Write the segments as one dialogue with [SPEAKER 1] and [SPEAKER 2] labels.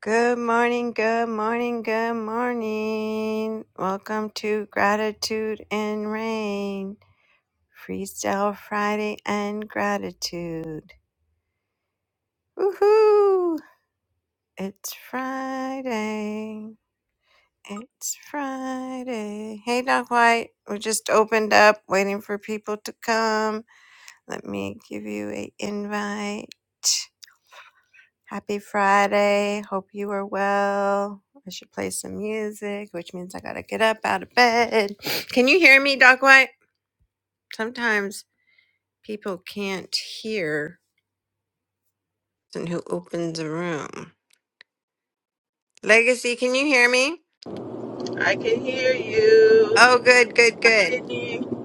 [SPEAKER 1] Good morning, good morning, good morning. Welcome to Gratitude and Rain, Freestyle Friday and Gratitude. Woohoo! It's Friday. It's Friday. Hey, Doc White. We just opened up, waiting for people to come. Let me give you a invite. Happy Friday. Hope you are well. I should play some music, which means I gotta get up out of bed. Can you hear me, Doc White? Sometimes people can't hear and who opens a room. Legacy, can you hear me?
[SPEAKER 2] I can hear
[SPEAKER 1] Oh,
[SPEAKER 2] you.
[SPEAKER 1] good, good, good.
[SPEAKER 2] Can you?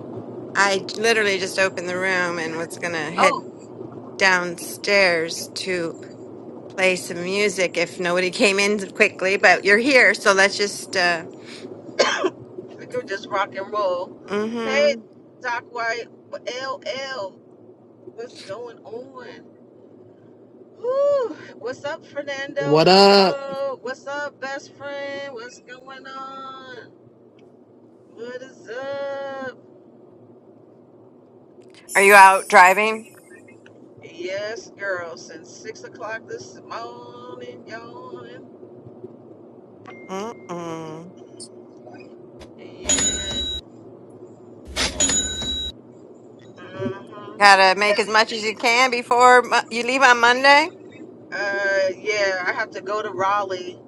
[SPEAKER 1] I literally just opened the room and was gonna head
[SPEAKER 2] Oh,
[SPEAKER 1] downstairs to play some music if nobody came in quickly, but you're here, so let's just uh
[SPEAKER 2] we could just rock and roll. Hey,
[SPEAKER 1] mm-hmm.
[SPEAKER 2] Doc White, L L, what's going on? Woo. What's up, Fernando?
[SPEAKER 3] What up?
[SPEAKER 2] Hello. What's up, best friend? What's going on? What is up?
[SPEAKER 1] Are you out driving?
[SPEAKER 2] Yes, girl. Since six o'clock this morning, yawning.
[SPEAKER 1] Mm-mm.
[SPEAKER 2] Yeah. Uh-huh.
[SPEAKER 1] Gotta make as much as you can before Mo- you leave on Monday.
[SPEAKER 2] Uh, yeah, I have to go to Raleigh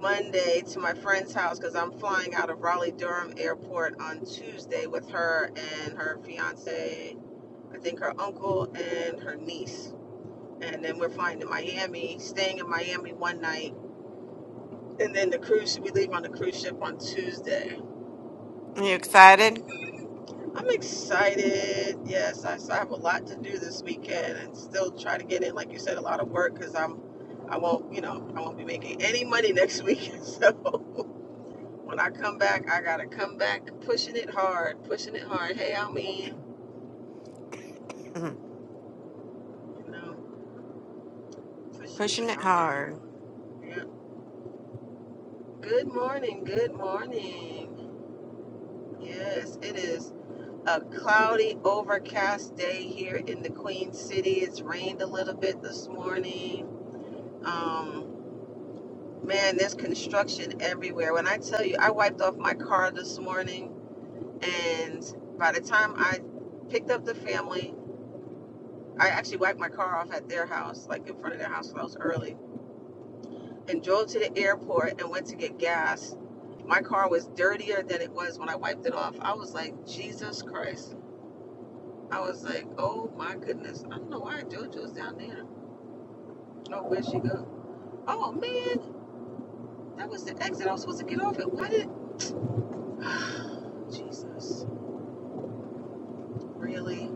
[SPEAKER 2] Monday to my friend's house because I'm flying out of Raleigh Durham Airport on Tuesday with her and her fiance, I think her uncle and her niece. And then we're flying to Miami, staying in Miami one night, and then the cruise. We leave on the cruise ship on Tuesday.
[SPEAKER 1] Are you excited?
[SPEAKER 2] I'm excited. Yes, I, so I have a lot to do this weekend, and still try to get in, like you said, a lot of work because I'm, I won't, you know, I won't be making any money next week. So When I come back, I gotta come back pushing it hard, pushing it hard. Hey, I'm in,
[SPEAKER 1] Mm.
[SPEAKER 2] you know, pushing it
[SPEAKER 1] Pushing it
[SPEAKER 2] hard.
[SPEAKER 1] hard.
[SPEAKER 2] Yeah. Good morning, good morning. Yes, it is a cloudy, overcast day here in the Queen City. It's rained a little bit this morning. Um, man, there's construction everywhere. When I tell you, I wiped off my car this morning, and by the time I picked up the family I actually wiped my car off at their house, like in front of their house when I was early, and drove to the airport and went to get gas. My car was dirtier than it was when I wiped it off. I was like, Jesus Christ. I was like, oh my goodness. I don't know why JoJo's down there. Oh, where'd she go? Oh man, that was the exit I was supposed to get off at. Why did Jesus. Really?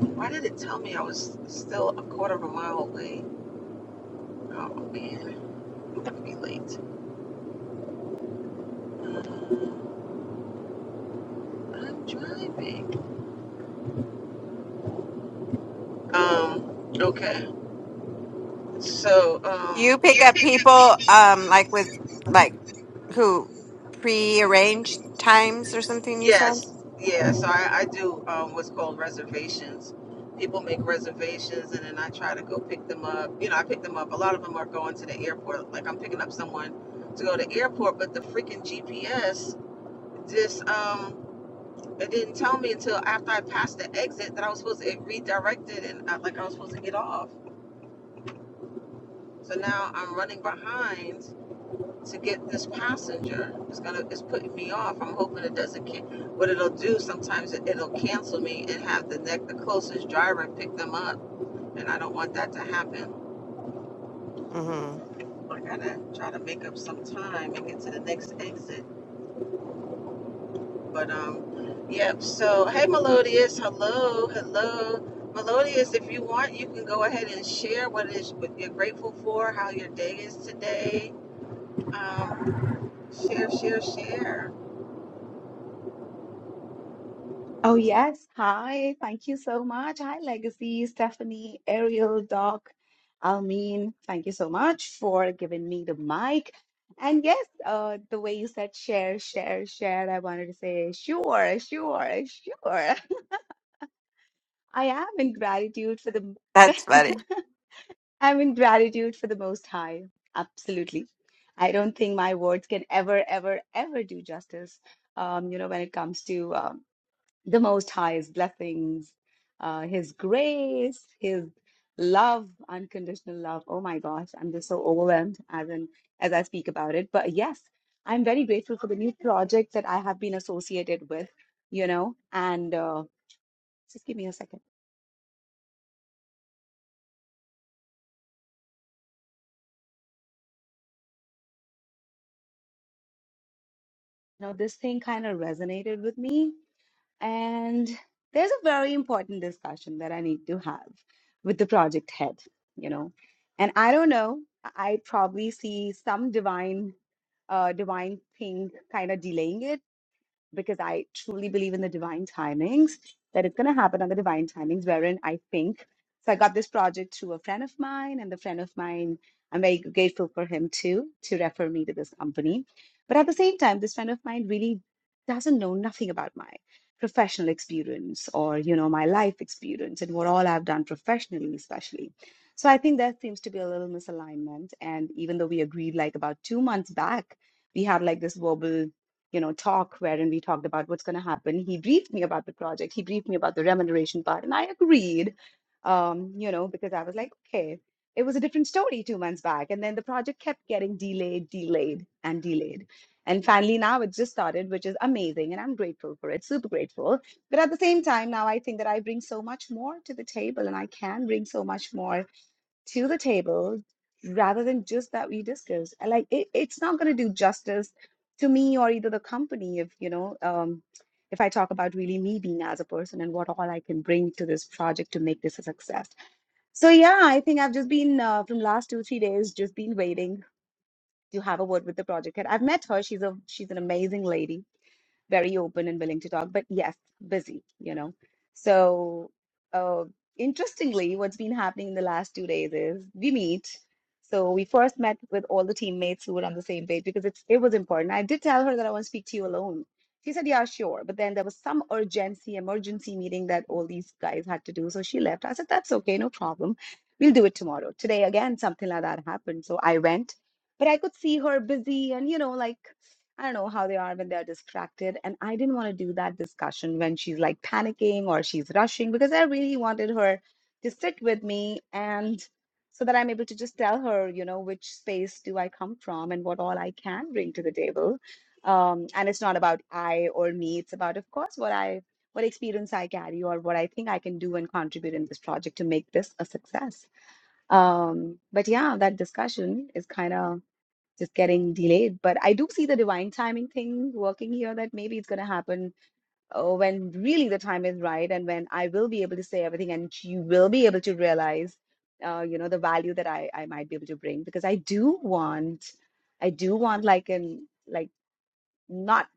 [SPEAKER 2] Why did it tell me I was still a quarter of a mile away? Oh man, I'm gonna be late. Uh, I'm driving. Um, okay. So,
[SPEAKER 1] Do
[SPEAKER 2] um,
[SPEAKER 1] you pick
[SPEAKER 2] you
[SPEAKER 1] up
[SPEAKER 2] pick it.
[SPEAKER 1] people um like with like who pre-arranged times or something you said?
[SPEAKER 2] Yes, yeah. So I, I do um, what's called reservations. People make reservations, and then I try to go pick them up. You know, I pick them up. A lot of them are going to the airport. Like I'm picking up someone to go to the airport, but the freaking GPS just um, it didn't tell me until after I passed the exit that I was supposed to it redirected, and I, like I was supposed to get off. So now I'm running behind to get this passenger. It's gonna it's putting me off. I'm hoping it doesn't can what it'll do sometimes it, it'll cancel me and have the next the closest driver pick them up. And I don't want that to happen.
[SPEAKER 1] Mm-hmm.
[SPEAKER 2] I gotta try to make up some time and get to the next exit. But um yep, so hey Melodious, hello, hello. Melodious, if you want, you can go ahead and share what it is what you're grateful for, how your day is today. Um, share, share, share.
[SPEAKER 4] Oh, yes. Hi. Thank you so much. Hi, Legacy, Stephanie, Ariel, Doc, Almeen. Thank you so much for giving me the mic. And yes, uh, the way you said share, share, share, I wanted to say sure, sure, sure. I am in gratitude for the
[SPEAKER 1] That's funny.
[SPEAKER 4] I'm in gratitude for the Most High. Absolutely. I don't think my words can ever, ever, ever do justice. Um, you know, when it comes to um, the Most High's blessings, uh, His grace, His love, unconditional love. Oh my gosh, I'm just so overwhelmed as in as I speak about it. But yes, I'm very grateful for the new project that I have been associated with. You know, and uh, just give me a second. You know, this thing kind of resonated with me And there's a very important discussion that I need to have with the project head, you know. And I don't know, I probably see some divine, uh, divine thing kind of delaying it because I truly believe in the divine timings, that it's going to happen on the divine timings, wherein I think. So I got this project through a friend of mine, and the friend of mine, I'm very grateful for him too, to refer me to this company. But at the same time, this friend of mine really doesn't know nothing about my professional experience or you know my life experience and what all I've done professionally especially so I think there seems to be a little misalignment and even though we agreed like about 2 months back we had like this verbal you know talk wherein we talked about what's going to happen he briefed me about the project he briefed me about the remuneration part and i agreed um, you know because i was like okay it was a different story two months back and then the project kept getting delayed delayed and delayed and finally now it's just started which is amazing and i'm grateful for it super grateful but at the same time now i think that i bring so much more to the table and i can bring so much more to the table rather than just that we discuss. And, Like it, it's not going to do justice to me or either the company if you know um, if I talk about really me being as a person and what all I can bring to this project to make this a success. So yeah, I think I've just been uh, from last two three days just been waiting to have a word with the project head. I've met her. She's a she's an amazing lady very open and willing to talk, but yes, busy, you know. So, uh, interestingly, what's been happening in the last two days is we meet. So we first met with all the teammates who were on the same page because it's it was important. I did tell her that I want to speak to you alone. She said, "Yeah, sure." But then there was some urgency, emergency meeting that all these guys had to do, so she left. I said, "That's okay, no problem. We'll do it tomorrow." Today again, something like that happened, so I went, but I could see her busy and you know like I don't know how they are when they're distracted. And I didn't want to do that discussion when she's like panicking or she's rushing because I really wanted her to sit with me and so that I'm able to just tell her, you know, which space do I come from and what all I can bring to the table. Um, and it's not about I or me. It's about, of course, what I what experience I carry or what I think I can do and contribute in this project to make this a success. Um, but yeah, that discussion is kind of just getting delayed. But I do see the divine timing thing working here that maybe it's going to happen uh, when really the time is right and when I will be able to say everything and you will be able to realize, uh, you know, the value that I, I might be able to bring because I do want, I do want like an, like not,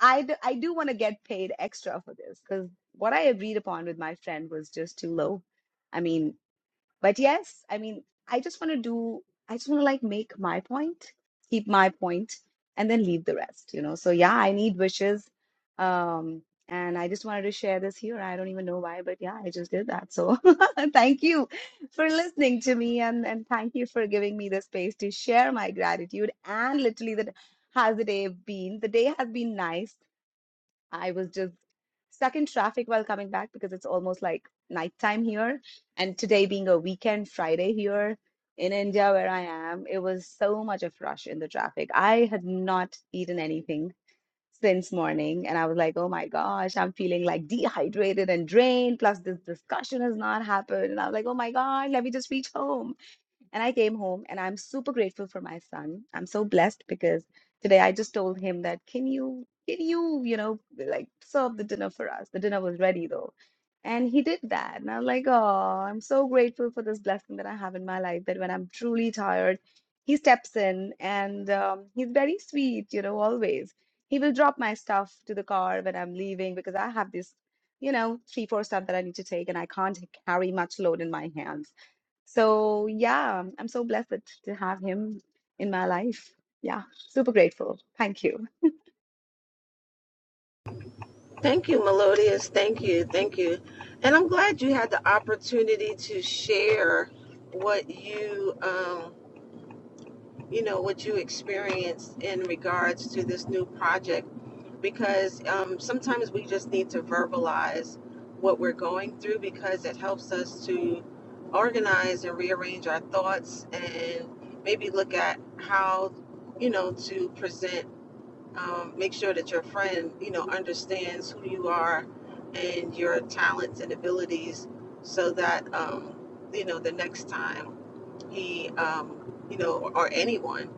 [SPEAKER 4] I, d- I do want to get paid extra for this because what I agreed upon with my friend was just too low. I mean, but yes, I mean, I just want to do, I just want to like make my point, keep my point, and then leave the rest, you know. So yeah, I need wishes. Um, and I just wanted to share this here. I don't even know why, but yeah, I just did that. So thank you for listening to me and and thank you for giving me the space to share my gratitude and literally that has the day been? The day has been nice I was just stuck in traffic while coming back because it's almost like nighttime here. And today being a weekend Friday here in India where I am, it was so much of rush in the traffic. I had not eaten anything since morning and I was like, oh my gosh, I'm feeling like dehydrated and drained. Plus this discussion has not happened. And I was like, oh my God, let me just reach home. And I came home and I'm super grateful for my son. I'm so blessed because today I just told him that, can you, can you, you know, like serve the dinner for us? The dinner was ready though. And he did that. And I was like, oh, I'm so grateful for this blessing that I have in my life that when I'm truly tired, he steps in and um, he's very sweet, you know, always. He will drop my stuff to the car when I'm leaving because I have this, you know, three, four stuff that I need to take and I can't carry much load in my hands. So yeah, I'm so blessed that- to have him in my life. Yeah, super grateful. Thank you.
[SPEAKER 2] Thank you, Melodious. Thank you. Thank you. And I'm glad you had the opportunity to share what you, um, you know, what you experienced in regards to this new project, because um, sometimes we just need to verbalize what we're going through because it helps us to organize and rearrange our thoughts and maybe look at how, you know, to present um, make sure that your friend, you know, understands who you are and your talents and abilities so that, um, you know, the next time he, um, you know, or, or anyone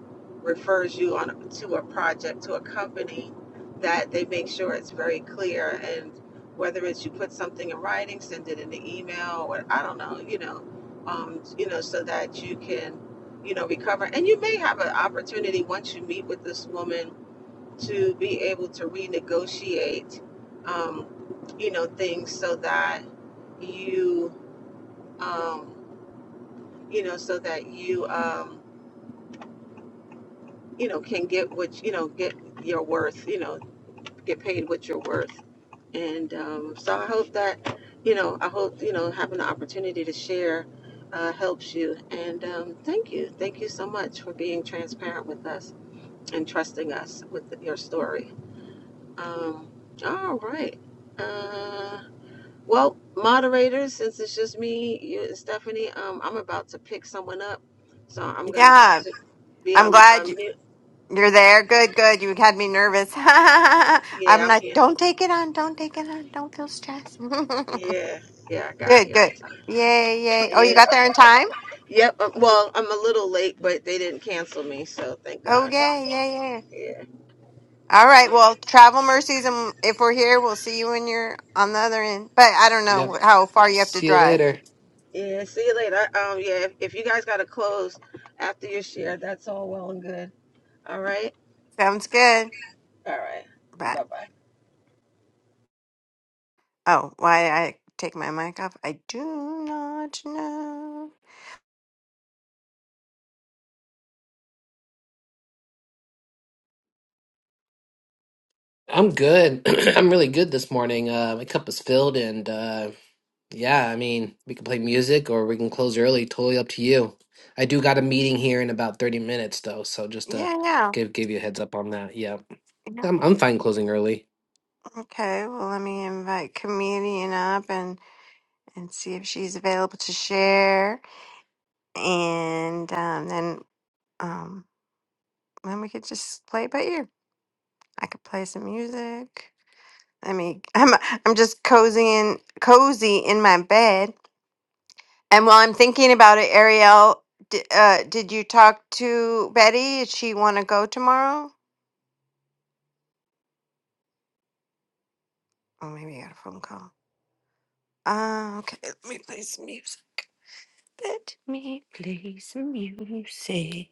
[SPEAKER 2] refers you on to a project, to a company, that they make sure it's very clear and whether it's you put something in writing, send it in the email, or I don't know, you know, um, you know, so that you can, you know, recover. And you may have an opportunity once you meet with this woman to be able to renegotiate, um, you know, things so that you, um, you know, so that you, um, you know, can get what you know, get your worth, you know, get paid what you're worth. And um, so I hope that, you know, I hope you know having the opportunity to share uh, helps you. And um, thank you, thank you so much for being transparent with us and trusting us with your story. Um, all right. Uh, Well, moderators, since it's just me, you and Stephanie, um, I'm about to pick someone up, so I'm gonna have
[SPEAKER 1] Yeah.
[SPEAKER 2] to be
[SPEAKER 1] I'm
[SPEAKER 2] on,
[SPEAKER 1] glad
[SPEAKER 2] on
[SPEAKER 1] you-
[SPEAKER 2] mute.
[SPEAKER 1] you're there. Good, good. You had me nervous.
[SPEAKER 2] Yeah,
[SPEAKER 1] I'm
[SPEAKER 2] I'm
[SPEAKER 1] like,
[SPEAKER 2] here.
[SPEAKER 1] don't take it on. Don't take it on. Don't feel stressed.
[SPEAKER 2] Yeah, yeah, I got
[SPEAKER 1] good,
[SPEAKER 2] here.
[SPEAKER 1] good. Yay, yay. Oh, you
[SPEAKER 2] Yeah.
[SPEAKER 1] got there in time?
[SPEAKER 2] Yep. uh, Well, I'm a little late, but they didn't cancel me, so thank
[SPEAKER 1] Oh,
[SPEAKER 2] God.
[SPEAKER 1] yay, yay, yay.
[SPEAKER 2] Yeah,
[SPEAKER 1] All right.
[SPEAKER 2] yeah,
[SPEAKER 1] Well, travel mercies, and if we're here, we'll see you when you're on the other end. But I don't
[SPEAKER 3] Yep.
[SPEAKER 1] know how far you have to
[SPEAKER 3] See you
[SPEAKER 1] drive.
[SPEAKER 3] later.
[SPEAKER 2] yeah. See you later. I, um, yeah. If, if you guys gotta close after your share, that's all well and good. All right.
[SPEAKER 1] Sounds good.
[SPEAKER 2] All right.
[SPEAKER 1] But
[SPEAKER 2] Bye bye.
[SPEAKER 1] oh, why I take my mic off? I do not know.
[SPEAKER 3] I'm good. I'm really good this morning. Uh, my cup is filled, and uh, yeah, I mean, we can play music or we can close early. Totally up to you. I do got a meeting here in about 30 minutes, though, so just to
[SPEAKER 1] Yeah, no.
[SPEAKER 3] give give you a heads up on that. Yeah,
[SPEAKER 1] Yeah.
[SPEAKER 3] I'm I'm fine closing early.
[SPEAKER 1] Okay. Well, let me invite comedian up and and see if she's available to share, and um, then um, then we could just play it by ear. I could play some music. I mean, I'm I'm just cozy in cozy in my bed. And while I'm thinking about it, Ariel, d- uh, did you talk to Betty? Did she want to go tomorrow? Oh, maybe I got a phone call. Uh, okay, let me play some music. Let me play some music.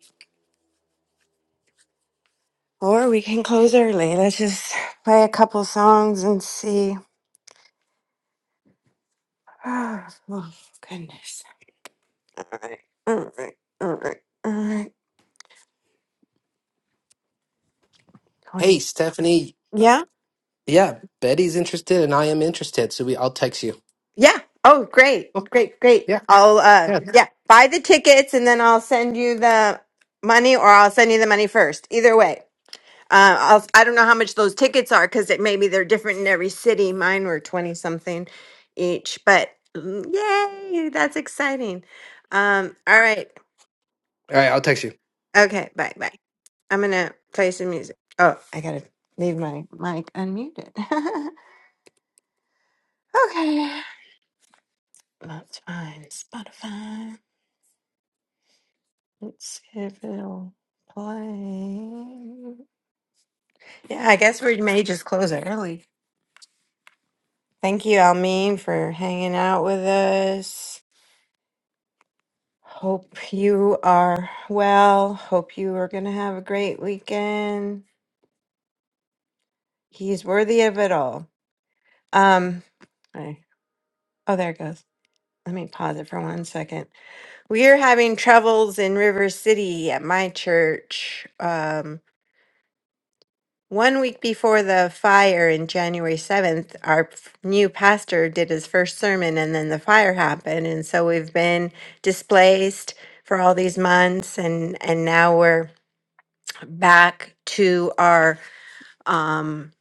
[SPEAKER 1] Or we can close early. Let's just play a couple songs and see. Oh, goodness. All right, all right, all right, all right.
[SPEAKER 3] Hey,
[SPEAKER 1] Going.
[SPEAKER 3] Stephanie. Uh,
[SPEAKER 1] yeah.
[SPEAKER 3] yeah, Betty's interested, and I am interested, so we I'll text you.
[SPEAKER 1] Yeah. Oh, great.
[SPEAKER 3] Oh,
[SPEAKER 1] Great, great.
[SPEAKER 3] yeah,
[SPEAKER 1] I'll uh
[SPEAKER 3] yeah. All
[SPEAKER 1] yeah, buy the tickets and then I'll send you the money or I'll send you the money first. Either way. Uh, I'll, I don't know how much those tickets are because it maybe they're different in every city. Mine were 20 something each, but mm, yay, that's exciting. Um, all right.
[SPEAKER 3] right, I'll text you.
[SPEAKER 1] Okay. Bye. Bye. I'm going to play some music. Oh, I got to leave my mic unmuted. okay. That's fine. Spotify. Let's see if it'll play. Yeah, I guess we may just close it early. Thank you, Almeen, for hanging out with us. Hope you are well. Hope you are going to have a great weekend. He's worthy of it all. Um, I- oh, there it goes. Let me pause it for one second. We are having troubles in River City at my church. Um, One week before the fire in January 7th, our f- new pastor did his first sermon and then the fire happened. And so we've been displaced for all these months and, and now we're back to our um,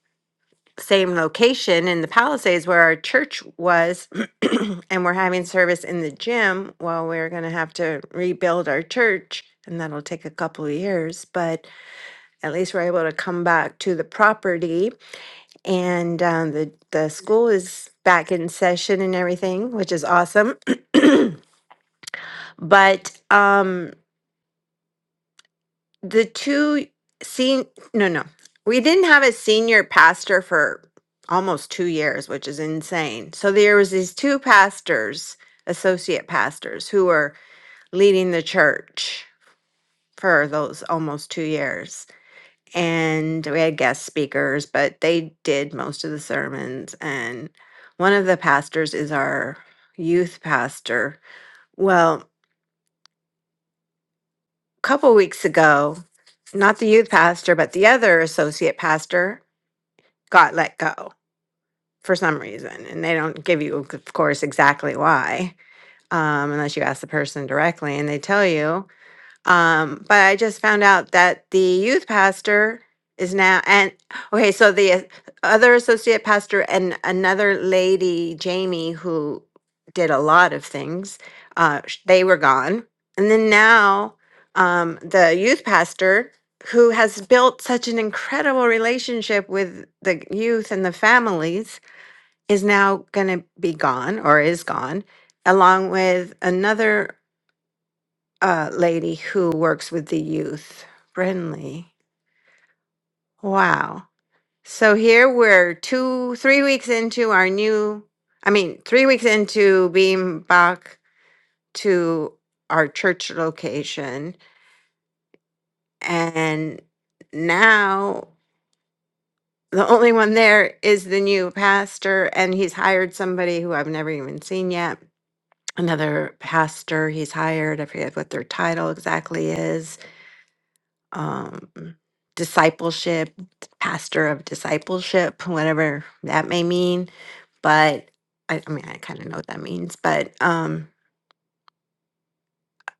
[SPEAKER 1] same location in the Palisades where our church was. and we're having service in the gym while we're going to have to rebuild our church. And that'll take a couple of years, but at least we're able to come back to the property and um, the the school is back in session and everything, which is awesome. But um, the two sen no no, we didn't have a senior pastor for almost two years, which is insane. So there was these two pastors, associate pastors, who were leading the church for those almost two years and we had guest speakers, but they did most of the sermons. And one of the pastors is our youth pastor. Well, a couple weeks ago, not the youth pastor, but the other associate pastor got let go for some reason. And they don't give you, of course, exactly why, um, unless you ask the person directly and they tell you. Um, but I just found out that the youth pastor is now and okay, so the uh, other associate pastor and another lady, Jamie, who did a lot of things, uh, sh- they were gone, and then now um, the youth pastor who has built such an incredible relationship with the youth and the families is now going to be gone or is gone along with another uh, lady who works with the youth. Brinley. Wow. So here we're two, three weeks into our new, I mean, three weeks into being back to our church location. And now the only one there is the new pastor, and he's hired somebody who I've never even seen yet. Another pastor he's hired. I forget what their title exactly is um, discipleship, pastor of discipleship, whatever that may mean. But I, I mean, I kind of know what that means, but um,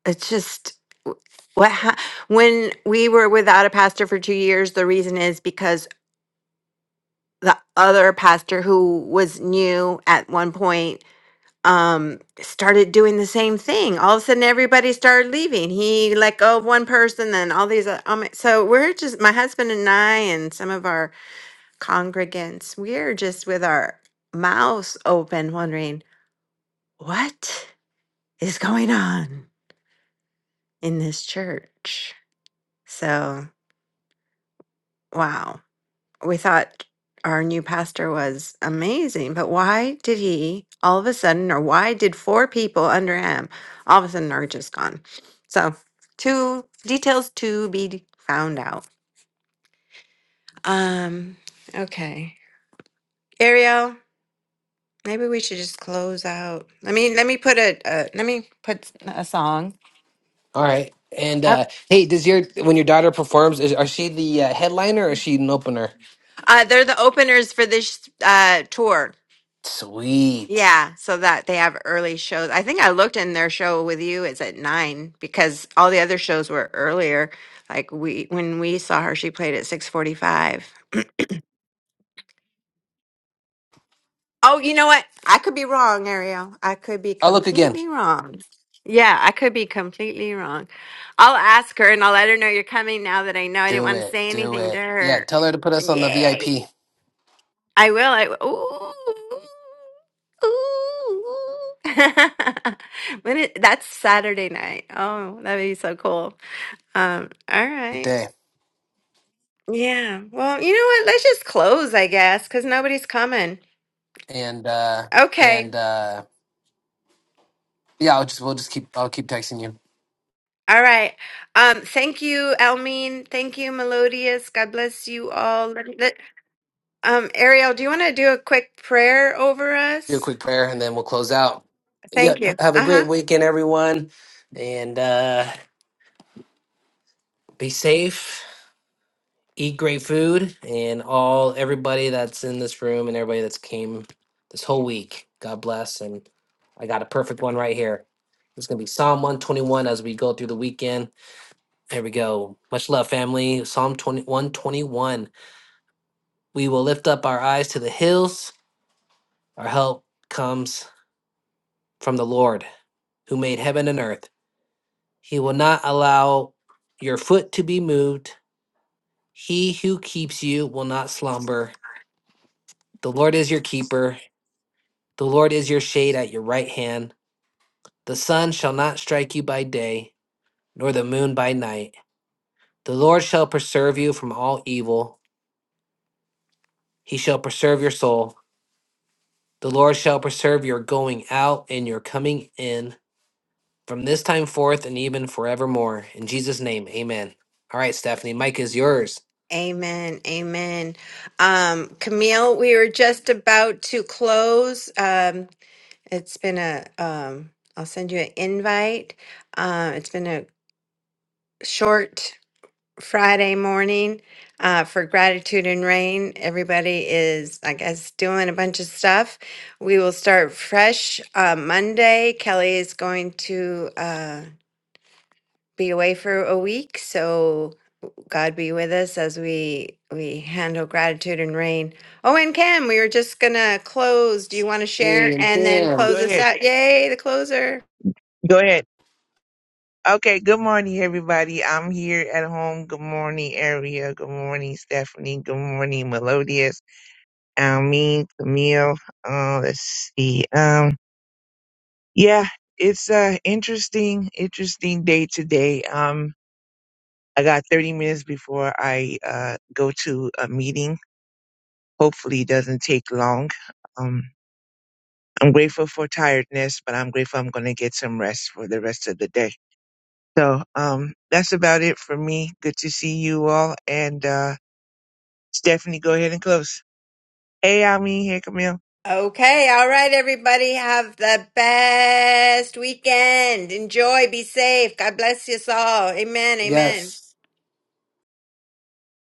[SPEAKER 1] it's just w- what ha- when we were without a pastor for two years, the reason is because the other pastor who was new at one point um started doing the same thing all of a sudden everybody started leaving he let go of one person then all these uh, um so we're just my husband and i and some of our congregants, we're just with our mouths open, wondering what is going on in this church. So, wow. We thought our new pastor was amazing, but why did he all of a sudden, or why did four people under him all of a sudden are just gone? So, two details to be found out. Um, okay. Ariel, Maybe we should just close out. Let me let me put a uh, let me put a song.
[SPEAKER 3] All right. And
[SPEAKER 1] Uh,
[SPEAKER 3] uh hey, does your when your daughter performs, is are she the uh, headliner or is she an opener?
[SPEAKER 1] uh, they're the openers for this uh, tour.
[SPEAKER 3] Sweet.
[SPEAKER 1] Yeah, so that they have early shows. I think I looked in their show with you. It's at nine because all the other shows were earlier. Like we when we saw her, she played at six forty five. Oh, you know what? I could be wrong, Ariel. I could be
[SPEAKER 3] I'll look again.
[SPEAKER 1] completely wrong. Yeah, I could be completely wrong. I'll ask her and I'll let her know you're coming now that I know I didn't
[SPEAKER 3] Do
[SPEAKER 1] want to
[SPEAKER 3] it.
[SPEAKER 1] say
[SPEAKER 3] Do
[SPEAKER 1] anything to
[SPEAKER 3] it. Yeah,
[SPEAKER 1] her.
[SPEAKER 3] tell her to put us on the VIP
[SPEAKER 1] Yay. I will. I will. Ooh. Ooh. when it, that's Saturday night. Oh, that'd be so cool. Um, all
[SPEAKER 3] day,
[SPEAKER 1] right. Yeah. Well, you know what? Let's just close, I guess, because nobody's coming.
[SPEAKER 3] And uh
[SPEAKER 1] Okay.
[SPEAKER 3] and uh yeah, I'll just we'll just keep I'll keep texting you.
[SPEAKER 1] All right. Um, thank you, Almeen. Thank you, Melodious. God bless you all. Let me- let- um, Ariel, do you want to do a quick prayer over
[SPEAKER 3] Do a
[SPEAKER 1] us?
[SPEAKER 3] quick prayer and then we'll close out.
[SPEAKER 1] Thank
[SPEAKER 3] Yep.
[SPEAKER 1] you.
[SPEAKER 3] Have a
[SPEAKER 1] Uh
[SPEAKER 3] great weekend everyone. And uh be safe eat great food and all everybody that's in this room and everybody that's came this whole week. God bless. And I got a perfect one right here. It's going to be Psalm 121 as we go through the weekend. Here we go. Much love, family. Psalm twenty one twenty one. We will lift up our eyes to the hills. Our help comes from the Lord who made heaven and earth. He will not allow your foot to be moved. He who keeps you will not slumber. The Lord is your keeper. The Lord is your shade at your right hand. The sun shall not strike you by day, nor the moon by night. The Lord shall preserve you from all evil. He shall preserve your soul. The Lord shall preserve your going out and your coming in from this time forth and even forevermore. In Jesus' name, amen. All right,
[SPEAKER 1] huh.
[SPEAKER 3] Stephanie, Mike is yours.
[SPEAKER 1] Amen. Amen. Um, Camille, we were just about to close. Um, it's been a, um, I'll send you an invite. Um, it's been a short Friday morning uh, for Gratitude and Rain. Everybody is, I guess, doing a bunch of stuff. We will start fresh uh, Monday. Kelly is going to uh, be away for a week, so God be with us as we we handle Gratitude and Rain. Oh, and Kim, we were just gonna close. Do you want to
[SPEAKER 3] Hey,
[SPEAKER 1] share
[SPEAKER 3] and
[SPEAKER 1] and then
[SPEAKER 3] bam.
[SPEAKER 5] Go
[SPEAKER 1] close us
[SPEAKER 5] ahead.
[SPEAKER 1] out? Yay, the closer.
[SPEAKER 5] Go ahead. Okay. Good morning, everybody. I'm here at home. Good morning, Ariel. Good morning, Stephanie. Good morning, Melodious. Almeen, Camille. Uh, let's see. Um, yeah, it's uh interesting, interesting day today. Um, I got 30 minutes before I uh go to a meeting. Hopefully, it doesn't take long. Um, I'm grateful for tiredness, but I'm grateful I'm going to get some rest for the rest of the day. So um, that's about it for me. Good to see you all. And uh, Stephanie, go ahead and close. Hey, I mean, here, Camille.
[SPEAKER 1] Okay, all right, everybody. Have the best weekend. Enjoy, be safe. God bless you all. Amen, amen.
[SPEAKER 3] Yes.